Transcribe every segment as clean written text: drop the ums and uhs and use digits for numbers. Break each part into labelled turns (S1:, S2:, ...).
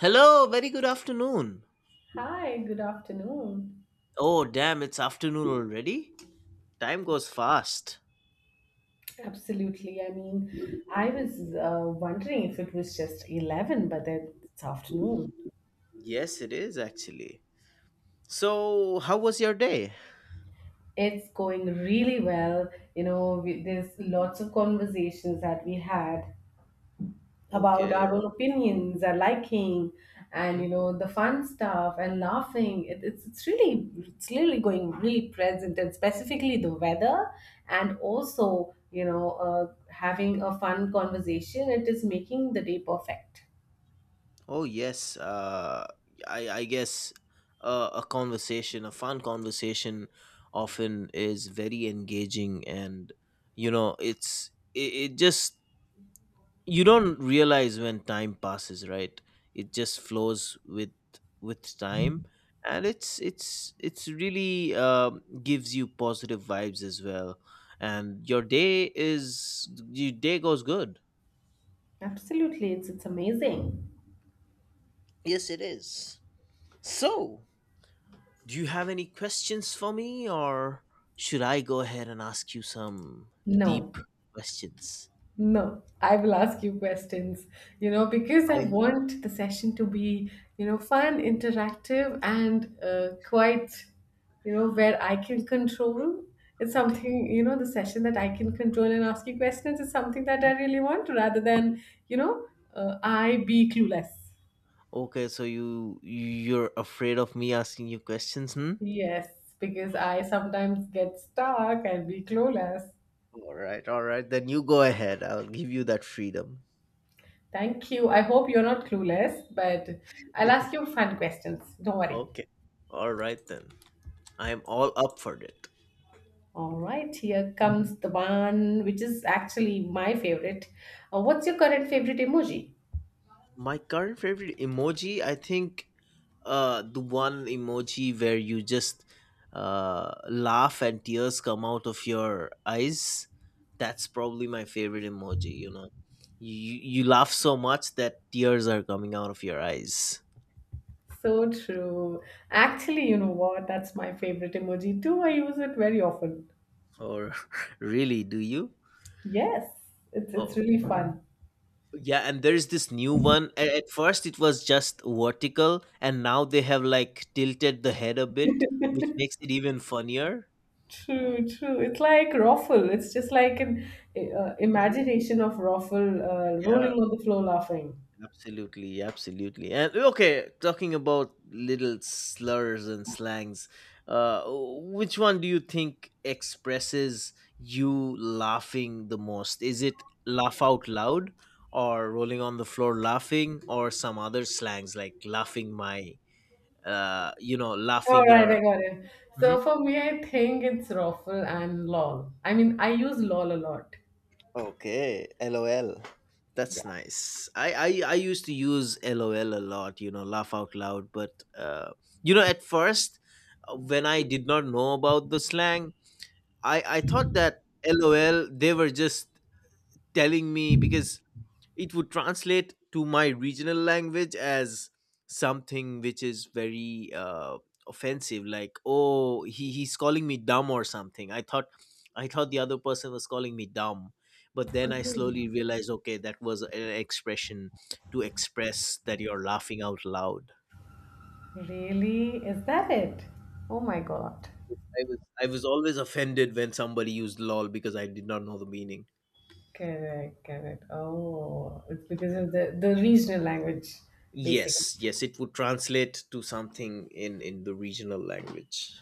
S1: Hello, very good afternoon.
S2: Hi, good afternoon.
S1: Oh, damn, it's afternoon already? Time goes fast.
S2: Absolutely. I mean, I was wondering if it was just 11, but then it's afternoon.
S1: Yes, it is actually. So how was your day?
S2: It's going really well. There's lots of conversations that we had about
S1: Okay,
S2: our
S1: yeah.
S2: own opinions, our liking, and
S1: Hmm?
S2: the fun stuff and laughing. It's really going really present, and specifically the weather, and also having a fun conversation. It is making the day perfect.
S1: Oh, yes. I guess a conversation, a fun conversation, often is very engaging, and you know, it just you don't realize when time passes, right? It just flows with time, and it's really gives you positive vibes as well, and your day is your day goes good.
S2: Absolutely, it's amazing.
S1: Yes, it is. So do you have any questions for me, or should I go ahead and ask you some
S2: No,
S1: deep questions?
S2: no, I will ask you questions, because I
S1: I
S2: want the session to be fun, interactive, and quite, where I can control. It's
S1: okay.
S2: something, the session that I can control and ask you questions is something that
S1: Hmm?
S2: I really want rather than, you know, I be clueless.
S1: Okay, so you you're afraid of me asking you questions, hmm?
S2: Yes, because I sometimes get stuck and be clueless.
S1: All right, all right. Then you go ahead. I'll give you that freedom.
S2: Thank you. I hope you're not clueless, but I'll ask you fun questions. Don't worry.
S1: Okay. All right then. I am all up for it.
S2: All right, here comes the one which is actually my favorite. What's your current favorite emoji?
S1: My current favorite emoji, I think, the one emoji where you just laugh and tears come out of your eyes. That's probably my favorite emoji. You know, you laugh so much that tears are coming out of your eyes.
S2: So true. Actually, you know what? That's my favorite emoji too. I use it very often.
S1: Or really, do you?
S2: Yes, it's really fun.
S1: Yeah, and there's this new one. At first, it was just vertical, and now they have like tilted the head a bit, which makes it even funnier.
S2: True, true. It's like ruffle. It's just like an
S1: Mhm.
S2: imagination of ruffle rolling
S1: Yeah,
S2: on the floor laughing.
S1: absolutely, absolutely. And okay, talking about little slurs and slangs, which one do you think expresses you laughing the most? Is it laugh out loud, or rolling on the floor laughing, or some other slangs like laughing my? You know,
S2: All
S1: laughing
S2: right, I
S1: your.
S2: got it.
S1: Mhm.
S2: So for me, I think it's ruffle and lol. I mean, I use lol a lot.
S1: Okay, lol. That's nice. I used to use LOL a lot, you know, laugh out loud. But you know, at first, when I did not know about the slang, I thought that LOL they were just telling me because it would translate to my regional language as something which is very offensive, like oh he, he's calling me dumb or something. I thought the other person was calling me dumb, but then I slowly realized okay, that was an expression to express that you're laughing out loud.
S2: Really? Is that it? Oh my god.
S1: I was always offended when somebody used lol because I did not know the meaning.
S2: Correct, correct. Oh, it's because of the regional language, basically.
S1: Yes, yes, it would translate to something in the regional language.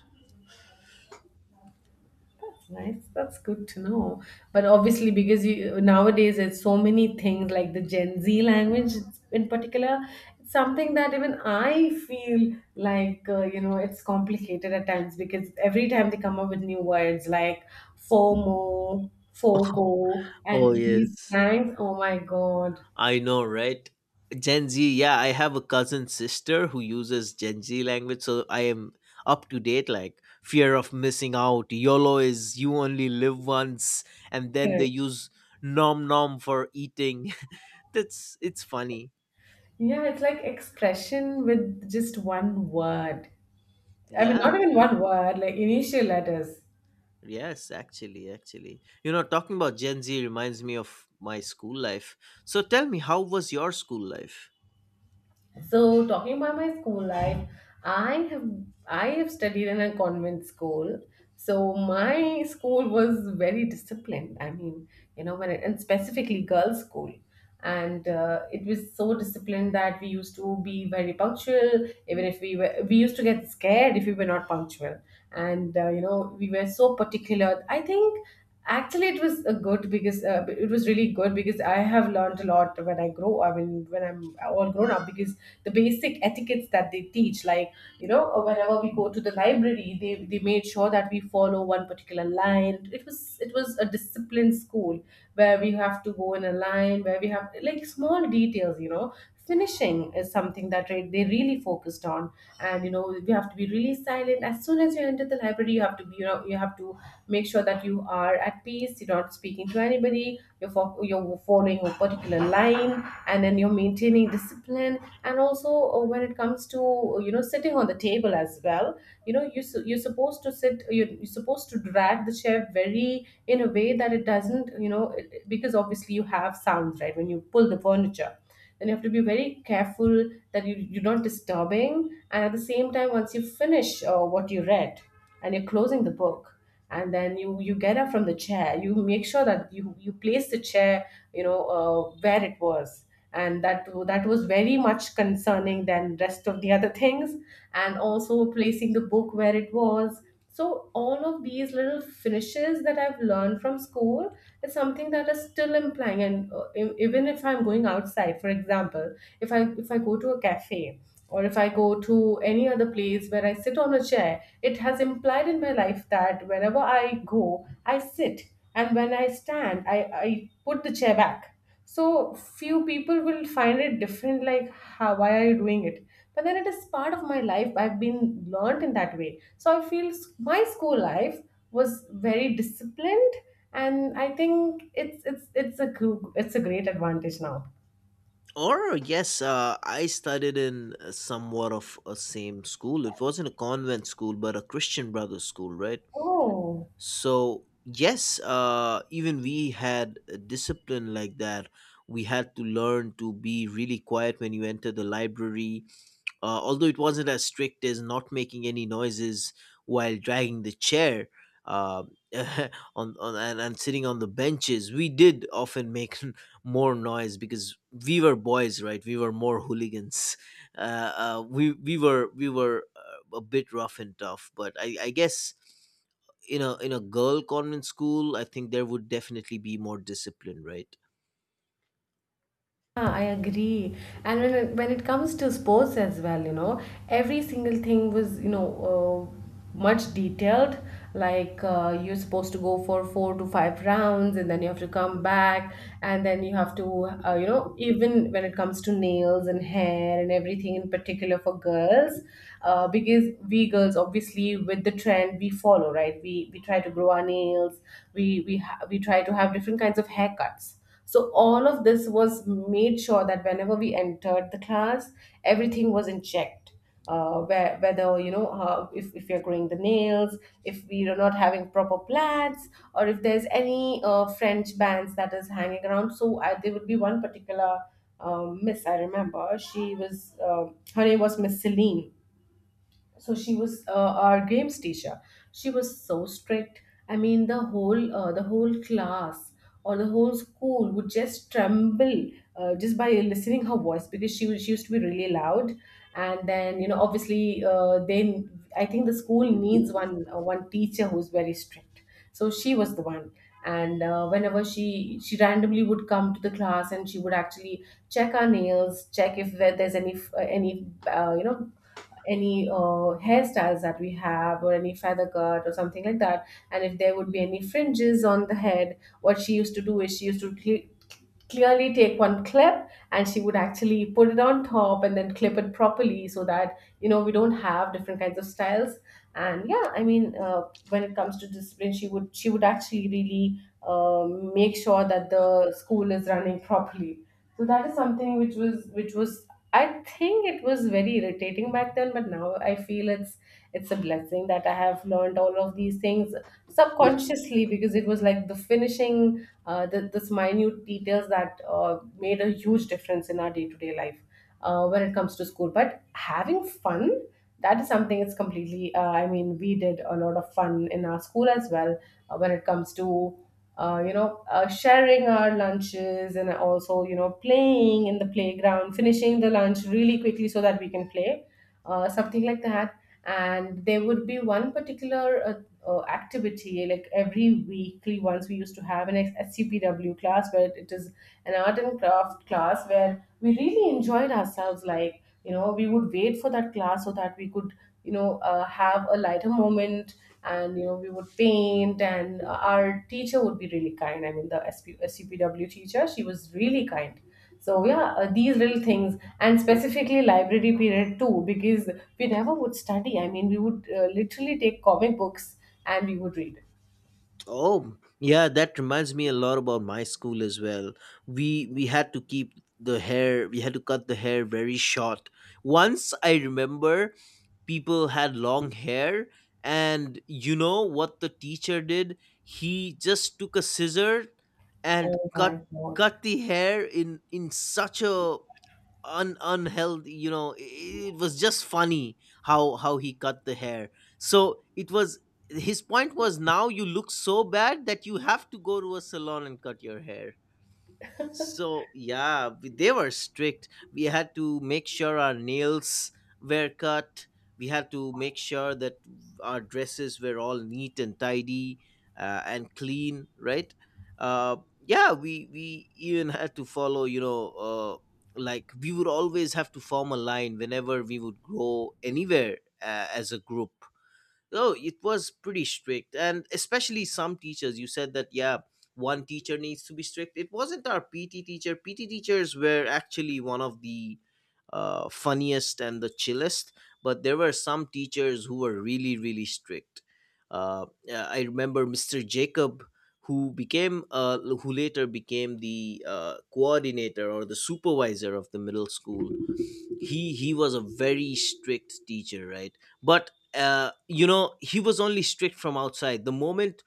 S2: That's nice. That's good to know. But obviously, because you nowadays it's so many things like the Gen Z language in particular, it's something that even I feel like it's complicated at times, because every time they come up with new words like FOMO, FOGO,
S1: Oh,
S2: and these
S1: yes,
S2: slangs. Oh my God.
S1: I know, right? Gen Z, yeah, I have a cousin sister who uses Gen Z language, so I am up to date. Like fear of missing out, YOLO is you only live once, and then they
S2: Correct.
S1: use nom nom for eating. That's it's funny.
S2: Yeah, it's like expression with just one word. I mean,
S1: Yeah,
S2: not even one word, like initial letters.
S1: yes, actually, actually. You know, talking about Gen Z reminds me of my school life. So tell me, how was your school life?
S2: So talking about my school life, I have I have studied in a convent school. So my school was very disciplined. I mean, and specifically girls' school. And it was so disciplined that we used to be very punctual. Even if we used to get scared if we were not punctual. And we were so particular. I think. Actually, it was a good, because it was really good, because I have learned a lot when I grow. I mean, when I'm all grown up, because the basic etiquettes that they teach, like, whenever we go to the library, they made sure that we follow one particular line. It was a disciplined school where we have to go in a line, where we have like small details, finishing is something that they really focused on. And we have to be really silent. As soon as you enter the library, you have to be, you have to make sure that you are at peace, you're not speaking to anybody, you're following a particular line, and then you're maintaining discipline. And also, when it comes to sitting on the table as well, you're supposed to sit, you're supposed to drag the chair very in a way that it doesn't, because obviously you have sounds, right, when you pull the furniture, then you have to be very careful that you're not disturbing. And at the same time, once you finish what you read and you're closing the book and then you get up from the chair, you make sure that you place the chair, you know uh, where it was. And that was very much concerning than rest of the other things, and also placing the book where it was. So all of these little finishes that I've learned from school is something that is still implying. And even if I'm going outside, for example, if I go to a cafe or if I go to any other place where I sit on a chair, it has implied in my life that wherever I go, I sit. And when I stand, I put the chair back. So few people will find it different, like, how, why are you doing it? But then it is part of my life. I've been learned in that way. So I feel my school life was very disciplined. And I think it's a great advantage now.
S1: Or yes, I studied in somewhat of a same school. It wasn't a convent school, but a Christian Brothers school, right?
S2: Oh.
S1: So yes, even we had a discipline like that. We had to learn to be really quiet when you enter the library. Although it wasn't as strict as not making any noises while dragging the chair um and sitting on the benches, we did often make more noise because we were boys, right? We were more hooligans. Uh, we were a bit rough and tough, but I guess in a girl convent school, I think there would definitely be more discipline, right?
S2: Yeah, I agree. And when it comes to sports as well, every single thing was, much detailed. Like, you're supposed to go for four to five rounds, and then you have to come back, and then you have to, you know, even when it comes to nails and hair and everything in particular for girls, because we girls obviously with the trend we follow, right? We try to grow our nails, we try to have different kinds of haircuts. So all of this was made sure that whenever we entered the class, everything was in check. Whether if you're growing the nails, if we are not having proper plats, or if there's any french bands that is hanging around. So there would be one particular miss, I remember. She was, her name was Miss Celine. So she was, our games teacher. She was so strict, I mean, the whole class or the whole school would just tremble just by listening her voice, because she used to be really loud. And then obviously, they I think the school needs one teacher who's very strict. So she was the one. And whenever she randomly would come to the class, and she would actually check our nails, check if there's any uh, you know hairstyles that we have, or any feather cut or something like that. And if there would be any fringes on the head, what she used to do is she used to clearly take one clip and she would actually put it on top and then clip it properly, so that we don't have different kinds of styles. And yeah, I mean, when it comes to discipline, she would actually really, make sure that the school is running properly. So that is something which was, I think, it was very irritating back then, but now I feel it's a blessing that I have learned all of these things subconsciously, because it was like the finishing, this minute details that made a huge difference in our day to day life when it comes to school. But having fun, that is something. It's completely, I mean, we did a lot of fun in our school as well when it comes to. Sharing our lunches, and also, playing in the playground, finishing the lunch really quickly so that we can play, something like that. And there would be one particular activity, like every weekly once we used to have an scpw class, where it is an art and craft class, where we really enjoyed ourselves. Like, we would wait for that class so that we could, have a lighter moment. And we would paint. And our teacher would be really kind, I mean, the scpw teacher, she was really kind. So yeah, these little things, and specifically library period too, because we never would study. I mean, we would literally take comic books and we would read.
S1: Oh, yeah, that reminds me a lot about my school as well. We had to keep the hair, we had to cut the hair very short. Once I remember people had long hair, and you know what the teacher did? He just took a scissor and
S2: Oh my
S1: cut
S2: God.
S1: cut the hair in such a un unhealthy, you know, it was just funny how he cut the hair. So it was his point was now you look so bad that you have to go to a salon and cut your hair. So yeah, they were strict. We had to make sure our nails were cut. We had to make sure that our dresses were all neat and tidy and clean, right? Yeah, we even had to follow, you know, like we would always have to form a line whenever we would go anywhere as a group. Oh, it was pretty strict. And especially some teachers, you said that, yeah, one teacher needs to be strict. It wasn't our PT teacher. PT teachers were actually one of the funniest and the chillest, but there were some teachers who were really, really strict. Yeah, I remember Mr. Jacob, who became, who later became the coordinator or the supervisor of the middle school. He was a very strict teacher, right? But you know, he was only strict from outside. The moment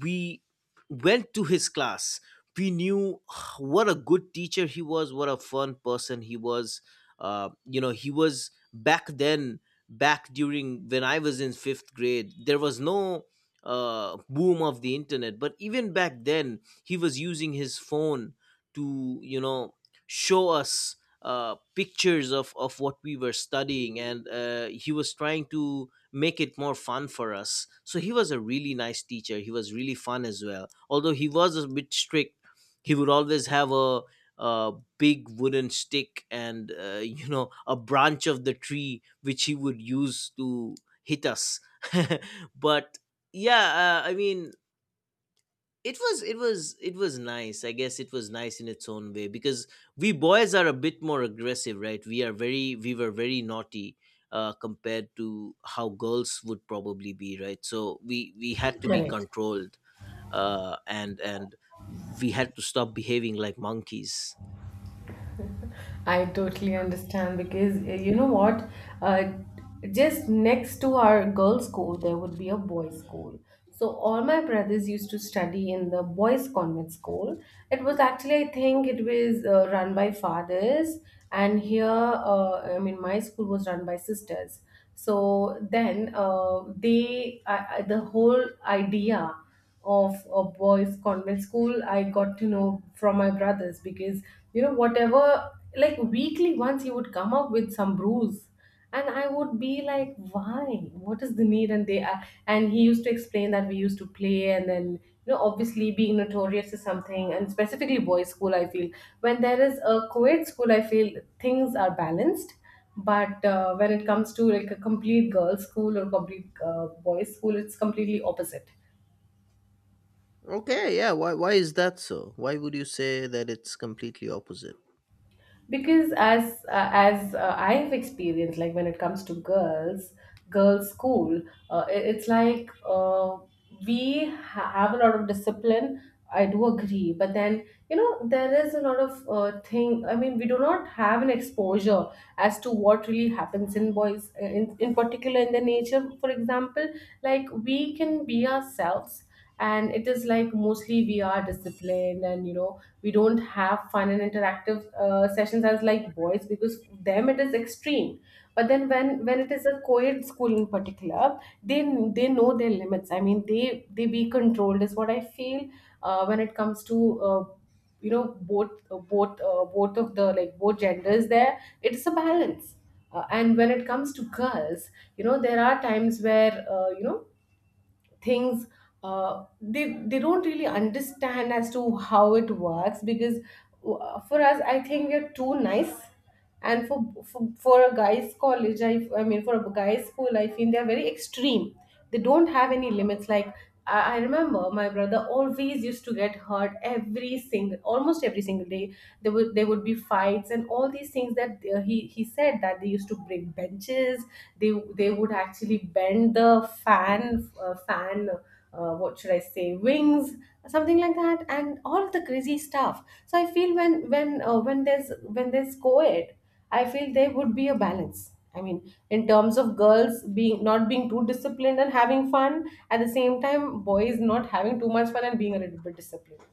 S1: we went to his class, we knew what a good teacher he was, what a fun person he was. You know, he was back then, back during when I was in 5th grade, there was no boom of the internet, but even back then he was using his phone to, you know, show us pictures of what we were studying, and he was trying to make it more fun for us. So he was a really nice teacher, he was really fun as well, although he was a bit strict. He would always have a big wooden stick and you know, a branch of the tree which he would use to hit us but yeah, I mean, it was it was nice, I guess. It was nice in its own way because we boys are a bit more aggressive, right? We are very we were very naughty, compared to how girls would probably be, right? So we had to be
S2: Correct.
S1: controlled. And we had to stop behaving like monkeys.
S2: I totally understand, because you know what? Uh, just next to our girls' school, there would be a boys' school. So all my brothers used to study in the boys' convent school. It was actually, I think, it was run by fathers. And here, I mean, my school was run by sisters. So then, they, I, the whole idea of a boys convent school I got to know from my brothers. Because you know whatever, like weekly once he would come up with some brews and I would be like, why, what is the need? And they are, and he used to explain that we used to play and then, you know, obviously being notorious is something and specifically boys school, I feel. When there is a co-ed school, I feel things are balanced, but when it comes to like a complete girls school or complete boys school, it's completely opposite.
S1: Okay, yeah. Why is that so? Why would you say that it's completely opposite?
S2: Because as I have experienced, like when it comes to girls, girls school, it's like we have a lot of discipline, I do agree, but then you know there is a lot of thing, I mean we do not have an exposure as to what really happens in boys in particular in the nature, for example. Like we can be ourselves, and it is like mostly we are disciplined and you know we don't have fun and interactive sessions as like boys, because them it is extreme. But then when it is a co-ed school in particular, they know their limits, I mean they be controlled is what I feel. When it comes to you know, both both of the, like both genders there, it's a balance. And when it comes to girls, you know there are times where you know, things, they don't really understand as to how it works because for us I think we're too nice. And for a guy's college, I mean for a guy's school, I feel they're very extreme, they don't have any limits. Like I remember my brother always used to get hurt every single, almost every single day. There would be fights and all these things, that he said that they used to break benches. They would actually bend the fan what should I say, wings, something like that, and all of the crazy stuff. So I feel when there's co-ed, I feel there would be a balance. I mean, in terms of girls being not being too disciplined and having fun, at the same time, boys not having too much fun and being a little bit disciplined.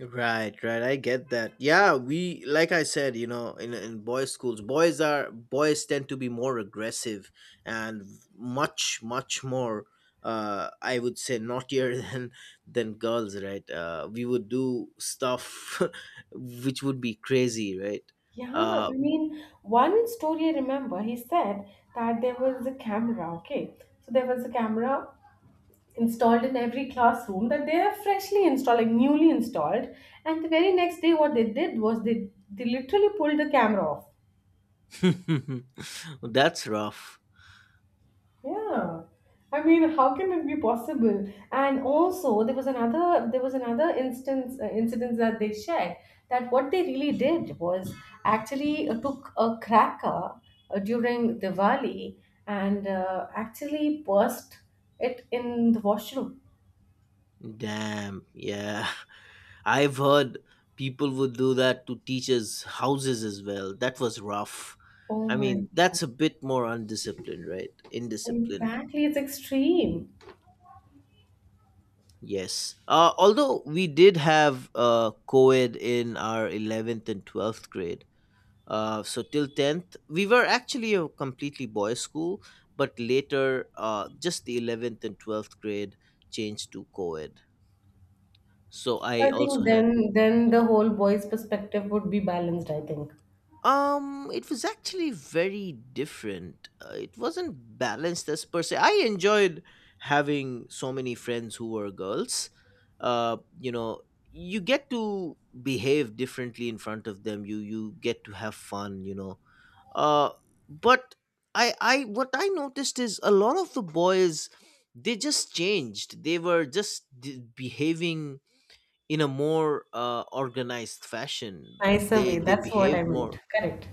S1: Right, right. I get that. Yeah, we like I said, you know, in boys' schools, boys are boys tend to be more aggressive and much more. I would say naughtier than girls, right? We would do stuff which would be crazy, right?
S2: Yeah,
S1: Uh,
S2: I mean, one story I remember, he said that there was a camera, okay? So there was a camera installed in every classroom, that they are freshly installed, like newly installed. And the very next day, what they did was they literally pulled the camera off.
S1: that's rough.
S2: Yeah. I mean, how can it be possible? And also, there was another instance incidents that they shared, that what they really did was actually took a cracker during Diwali, and actually burst it in the washroom.
S1: Damn. Yeah. I've heard people would do that to teachers' houses as well. That was rough.
S2: Oh
S1: I
S2: my!
S1: mean, that's a bit more undisciplined, right? Indisciplined.
S2: Exactly, it's extreme.
S1: Yes. Although we did have co ed in our 11th and 12th grade. So till 10th, we were actually a completely boys' school, but later, just the 11th and 12th grade changed to co ed. So I
S2: I
S1: also
S2: think
S1: had.
S2: then the whole boy's perspective would be balanced. I think
S1: It was actually very different. It wasn't balanced as per se. I enjoyed having so many friends who were girls. You know, you get to behave differently in front of them. You get to have fun. You know. Uh, but I what I noticed is a lot of the boys, they just changed. They were just behaving in a more organized fashion.
S2: nicer way,
S1: They
S2: that's what I
S1: behaved
S2: meant.
S1: more
S2: Correct.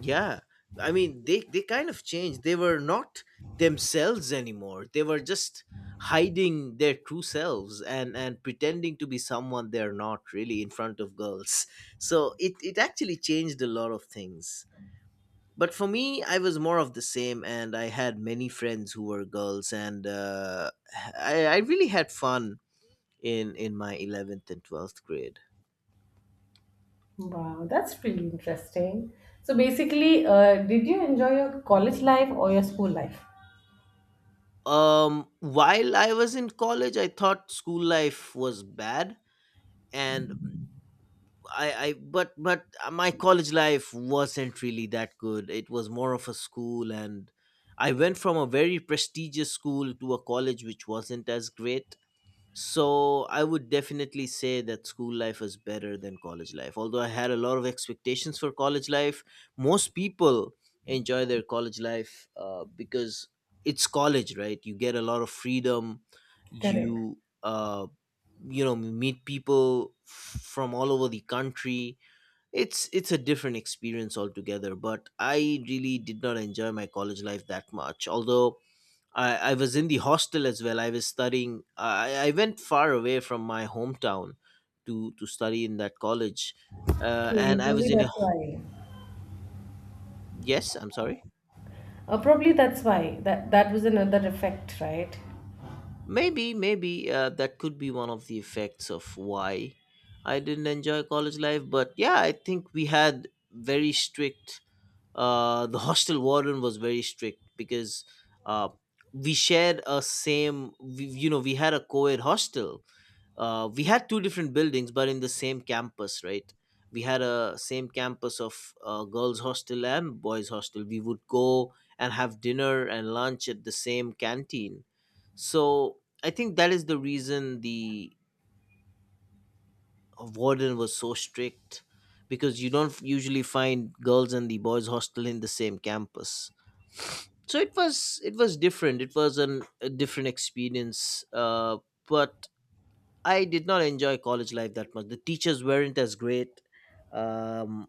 S1: yeah, I mean, they kind of changed. They were not themselves anymore. They were just hiding their true selves and pretending to be someone they're not really in front of girls. So it actually changed a lot of things. But for me, I was more of the same, and I had many friends who were girls, and I really had fun in my 11th and 12th grade.
S2: Wow, that's pretty interesting. So basically, did you enjoy your college life or your school life?
S1: While I was in college, I thought school life was bad, and I but my college life wasn't really that good. It was more of a school, and I went from a very prestigious school to a college which wasn't as great. So I would definitely say that school life was better than college life. Although I had a lot of expectations for college life, most people enjoy their college life because it's college, right? You get a lot of freedom.
S2: Correct.
S1: You you know, meet people from all over the country. It's a different experience altogether. But I really did not enjoy my college life that much. Although I was in the hostel as well. I was studying. I went far away from my hometown to study in that college,
S2: Okay,
S1: and I was
S2: probably
S1: in a
S2: that's why.
S1: yes. I'm sorry.
S2: Probably that's why, that was another effect, right?
S1: Maybe that could be one of the effects of why I didn't enjoy college life. But yeah, I think we had very strict. The hostel warden was very strict because uh, we shared a same. We, you know, we had a co-ed hostel, we had two different buildings but in the same campus, right? We had a same campus of girls hostel and boys hostel. We would go and have dinner and lunch at the same canteen. So I think that is the reason the warden was so strict, because you don't usually find girls and the boys hostel in the same campus. So it was different. It was a different experience, but I did not enjoy college life that much. The teachers weren't as great. Um,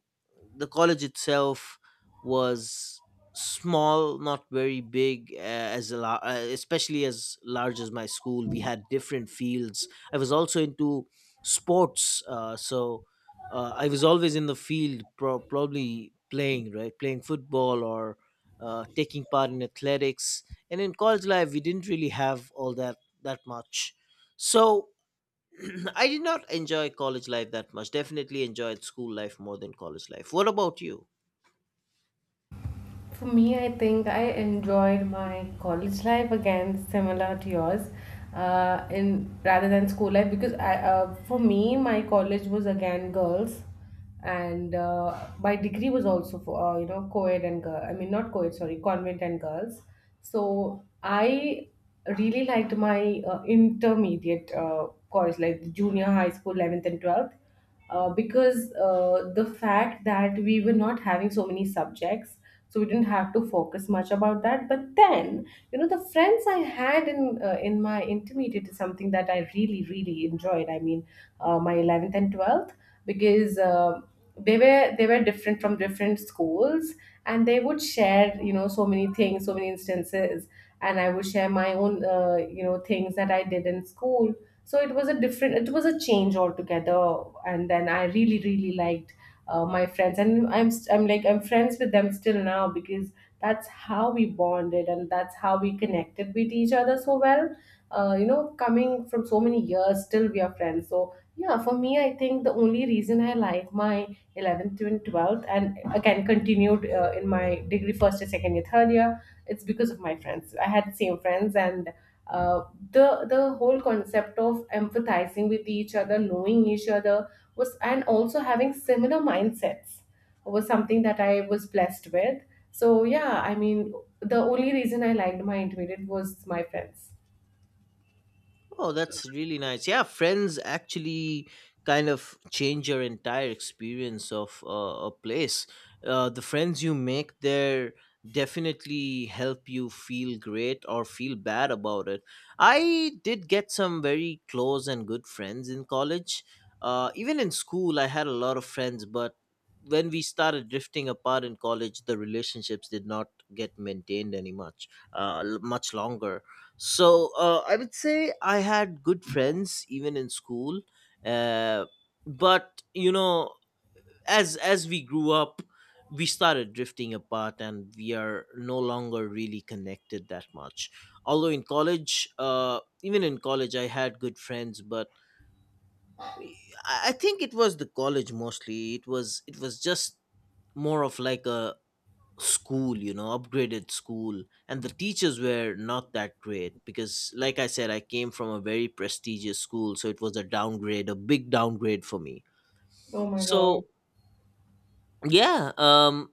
S1: the college itself was small, not very big, especially as large as my school. We had different fields. I was also into sports, so I was always in the field, probably playing, right, playing football or taking part in athletics. And in college life, we didn't really have all that much. So I did not enjoy college life that much. Definitely enjoyed school life more than college life. What about you?
S2: For me, I think I enjoyed my college life, again similar to yours, in rather than school life, because I, for me, my college was again girls, and my degree was also for you know, co-ed and girl. I mean not co-ed, sorry, convent and girls. So I really liked my intermediate college, like the junior high school, 11th and 12th. Because the fact that we were not having so many subjects, so we didn't have to focus much about that. But then you know, the friends I had in my intermediate is something that I really really enjoyed. I mean my 11th and 12th, because they were different from different schools, and they would share you know so many things, so many instances, and I would share my own you know, things that I did in school. So it was a different, it was a change altogether. And then I really really liked my friends, and I'm st- I'm like I'm friends with them still now, because that's how we bonded and that's how we connected with each other so well. You know, coming from so many years, still we are friends. So yeah, for me, I think the only reason I like my 11th and 12th, and again continued in my degree first year, second year, third year, it's because of my friends. I had same friends, and uh, the whole concept of empathizing with each other, knowing each other was, and also having similar mindsets was something that I was blessed with. So yeah, I mean, the only reason I liked my intermediate was my friends.
S1: Oh, that's really nice. Yeah, friends actually kind of change your entire experience of a place. The friends you make there definitely help you feel great or feel bad about it. I did get some very close and good friends in college. Even in school, I had a lot of friends, but when we started drifting apart in college, the relationships did not get maintained any much, much longer. So I would say I had good friends even in school, uh, but you know, as we grew up, we started drifting apart, and we are no longer really connected that much. Although in college, even in college, I had good friends, but I think it was the college mostly. It was just more of like a school, you know, upgraded school, and the teachers were not that great, because like I said, I came from a very prestigious school, so it was a downgrade, a big downgrade for me.
S2: Oh my God.
S1: So yeah,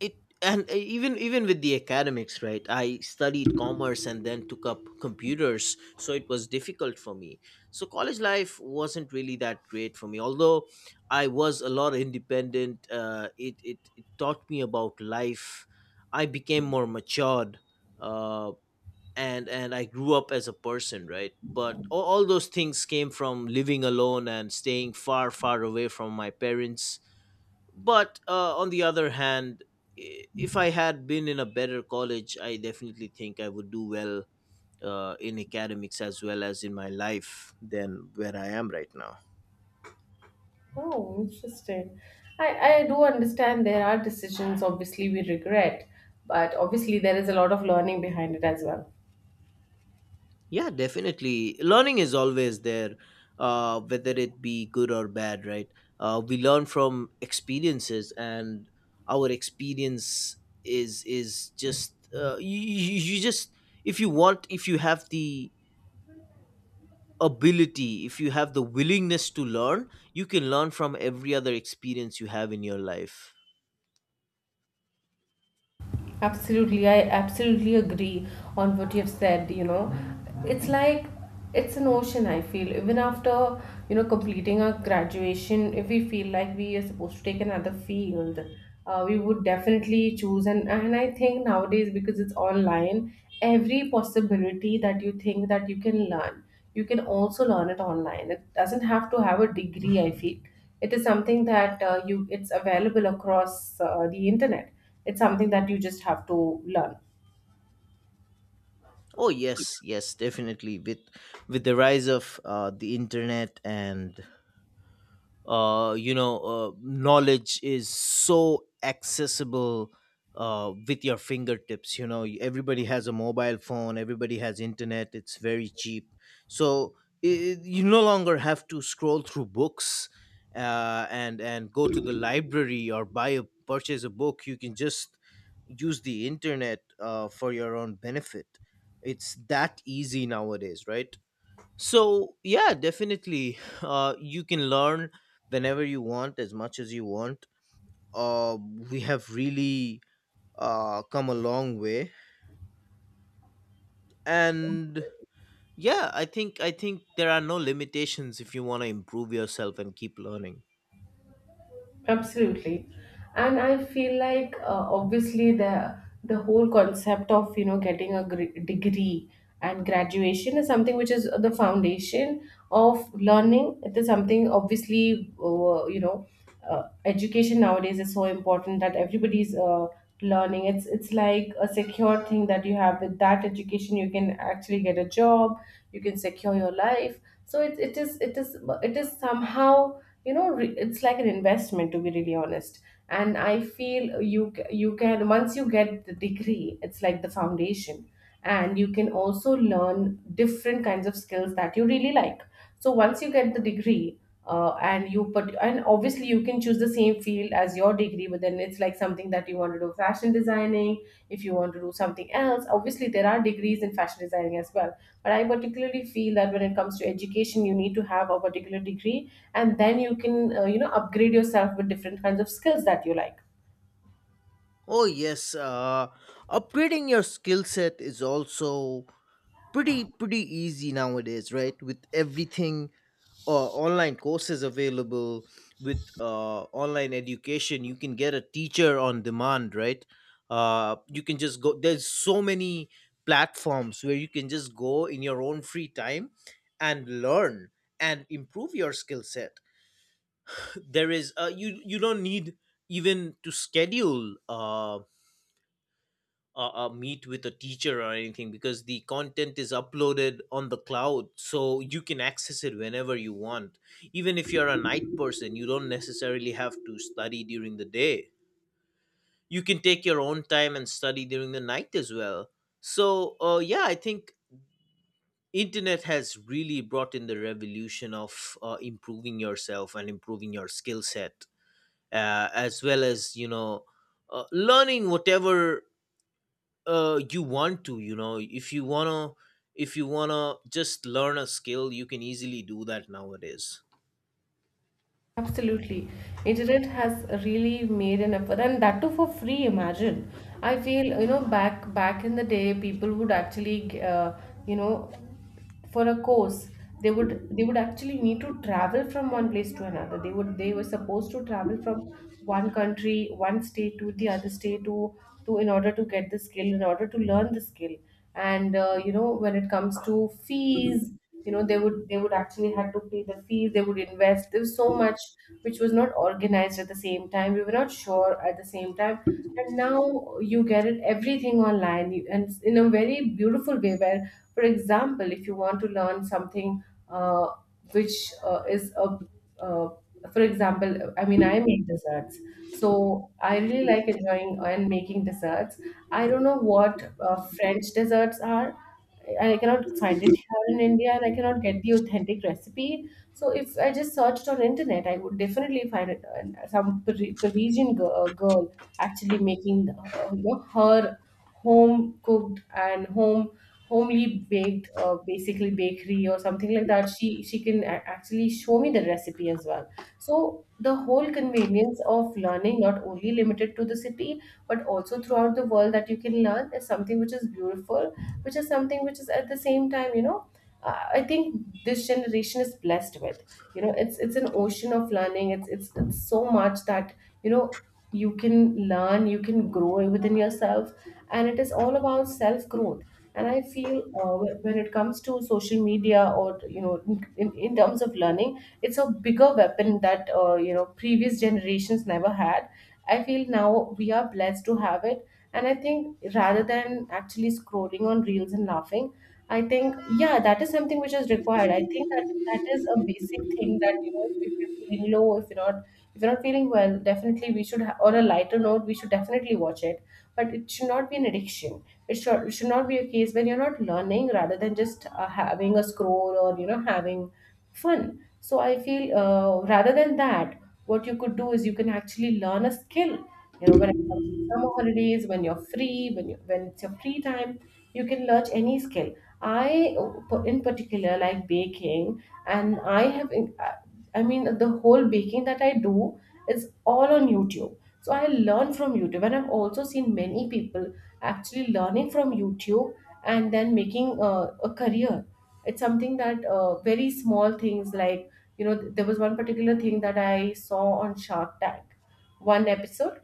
S1: it. And even with the academics, right, I studied commerce and then took up computers, so it was difficult for me. So college life wasn't really that great for me, although I was a lot independent. It taught me about life. I became more matured, uh, and I grew up as a person, right, but all those things came from living alone and staying far away from my parents. But on the other hand, if I had been in a better college, I definitely think I would do well in academics as well as in my life than where I am right now.
S2: Oh, interesting. I do understand there are decisions obviously we regret, but obviously there is a lot of learning behind it as well.
S1: Yeah, definitely learning is always there, whether it be good or bad, right? We learn from experiences, and our experience is just, you just, if you want, if you have the ability, if you have the willingness to learn, you can learn from every other experience you have in your life.
S2: Absolutely, I absolutely agree on what you've said. You know, it's like it's an ocean, I feel. Even after, you know, completing our graduation, if we feel like we are supposed to take another field, we would definitely choose. And I think nowadays, because it's online, every possibility that you think that you can learn, you can also learn it online. It doesn't have to have a degree, I feel. It is something that you, it's available across the internet, it's something that you just have to learn.
S1: Oh yes, yes, definitely, with the rise of the internet and knowledge is so accessible with your fingertips. You know, everybody has a mobile phone, everybody has internet, it's very cheap. So I, you no longer have to scroll through books, and go to the library or buy, a purchase a book. You can just use the internet for your own benefit. It's that easy nowadays, right? So yeah, definitely, you can learn whenever you want, as much as you want. Uh, we have really come a long way, and yeah, I think there are no limitations if you want to improve yourself and keep learning.
S2: Absolutely. And I feel like obviously the whole concept of you know, getting a degree and graduation is something which is the foundation of learning. It is something obviously you know, education nowadays is so important that everybody's learning. It's like a secure thing that you have, with that education you can actually get a job, you can secure your life. So it is it is it is somehow you know, it's like an investment to be really honest. And I feel you can, once you get the degree, it's like the foundation, and you can also learn different kinds of skills that you really like. So once you get the degree, and you, but and obviously you can choose the same field as your degree, but then it's like something that you want to do fashion designing. If you want to do something else, obviously there are degrees in fashion designing as well. But I particularly feel that when it comes to education, you need to have a particular degree, and then you can you know, upgrade yourself with different kinds of skills that you like.
S1: Oh yes, upgrading your skill set is also pretty easy nowadays, right? With everything, online courses available, with online education, you can get a teacher on demand, right? You can just go, there's so many platforms where you can just go in your own free time and learn and improve your skill set. There is, you you don't need even to schedule meet with a teacher or anything, because the content is uploaded on the cloud, so you can access it whenever you want. Even if you're a night person, you don't necessarily have to study during the day. You can take your own time and study during the night as well. So yeah, I think internet has really brought in the revolution of improving yourself and improving your skill set, as well as, you know, learning whatever you want to. You know, if you want to, if you want to just learn a skill, you can easily do that nowadays.
S2: Absolutely. Internet has really made an effort, and that too for free, imagine. I feel, you know, back in the day, people would actually you know, for a course, they would actually need to travel from one place to another. They would, they were supposed to travel from one country, one state to the other state, to in order to get the skill, in order to learn the skill. And you know, when it comes to fees, you know, they would actually had to pay the fees, they would invest. There was so much which was not organized at the same time, we were not sure at the same time. And now you get it everything online, and in a very beautiful way, where for example if you want to learn something, uh, which is a uh, for example, I mean I make desserts. So I really like enjoying and making desserts. I don't know what french desserts are. I cannot find it here in India, and I cannot get the authentic recipe. So if I just searched on internet, I would definitely find it. And some Parisian girl, actually making you know, her home cooked and home homely baked, basically bakery or something like that. She can actually show me the recipe as well. So the whole convenience of learning, not only limited to the city, but also throughout the world that you can learn, is something which is beautiful, which is something which is at the same time, you know, I think this generation is blessed with, you know, it's an ocean of learning. It's so much that you know, you can learn, you can grow within yourself, and it is all about self growth. And I feel when it comes to social media, or you know, in terms of learning, it's a bigger weapon that you know, previous generations never had. I feel now we are blessed to have it. And I think rather than actually scrolling on reels and laughing, I think, yeah, that is something which is required. I think that is a basic thing that, you know, if you're feeling low, if you're not feeling well, definitely we should, on a lighter note, we should definitely watch it. But it should not be an addiction. It should not be a case where you're not learning rather than just having a scroll, or you know, having fun. So I feel rather than that, what you could do is you can actually learn a skill. You know, when summer holidays, when you're free, when when it's your free time, you can learn any skill. I In particular like baking, and I have in- I mean the whole baking that I do is all on YouTube. So I learn from YouTube, and I've also seen many people actually learning from YouTube, and then making a career. It's something that very small things, like you know, there was one particular thing that I saw on Shark Tank, one episode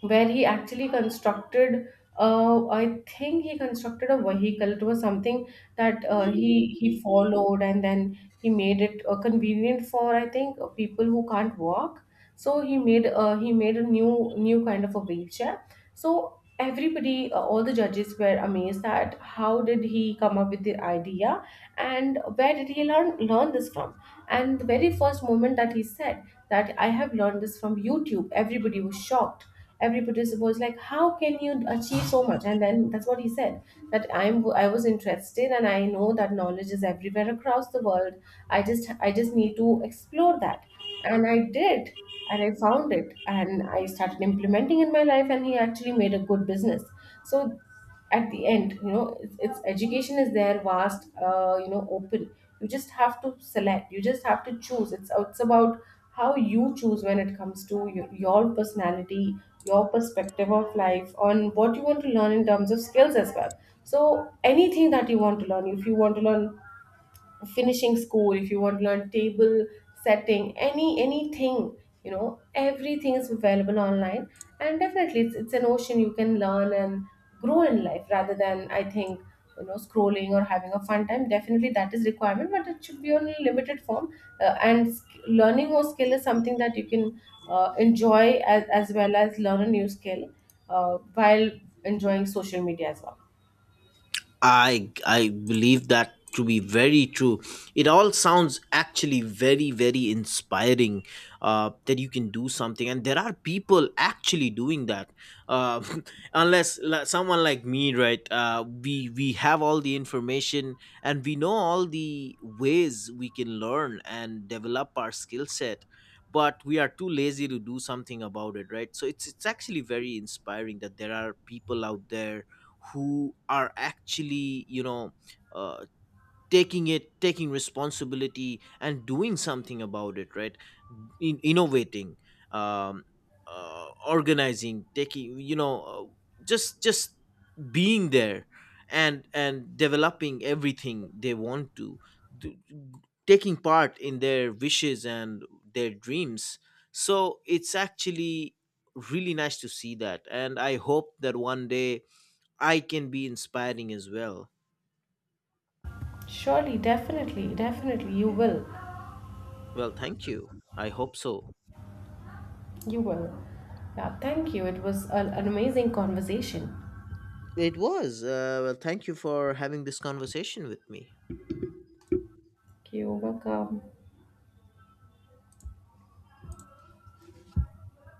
S2: where he actually constructed I think he constructed a vehicle. It was something that he followed, and then he made it convenient for, I think, people who can't walk. So he made a new kind of a wheelchair. So everybody, all the judges were amazed at how did he come up with the idea, and where did he learn this from? And the very first moment that he said that I have learned this from YouTube, everybody was shocked. Every participant was like, how can you achieve so much? And then that's what he said, that I was interested, and I know that knowledge is everywhere across the world. I just need to explore that. And I did, and I found it, and I started implementing in my life, and he actually made a good business. So at the end, you know, it's education is there, vast, you know, open. You just have to select, you just have to choose. It's about how you choose, when it comes to your personality, your perspective of life, on what you want to learn in terms of skills as well. So anything that you want to learn, if you want to learn finishing school, if you want to learn table setting, anything, you know, everything is available online. And definitely it's an ocean, you can learn and grow in life rather than, I think, you know, scrolling or having a fun time. Definitely that is requirement, but it should be on a limited form. And learning or skill is something that you can enjoy as well as learn a new skill while enjoying social media as well.
S1: I believe that to be very true. It all sounds actually very inspiring, that you can do something, and there are people actually doing that. Uh, Unless someone like me, right? We have all the information, and we know all the ways we can learn and develop our skill set, but we are too lazy to do something about it, right? So it's actually very inspiring that there are people out there who are actually, you know, uh, taking responsibility and doing something about it, right? Innovating, um, organizing, taking, you know, just being there and developing everything they want to d- taking part in their wishes and their dreams. So it's actually really nice to see that, and I hope that one day I can be inspiring as well.
S2: Surely, definitely definitely you will.
S1: Well, thank you. I hope so.
S2: You will. Yeah, thank you. It was an amazing conversation.
S1: It was. Well, thank you for having this conversation with me.
S2: Thank you. Welcome.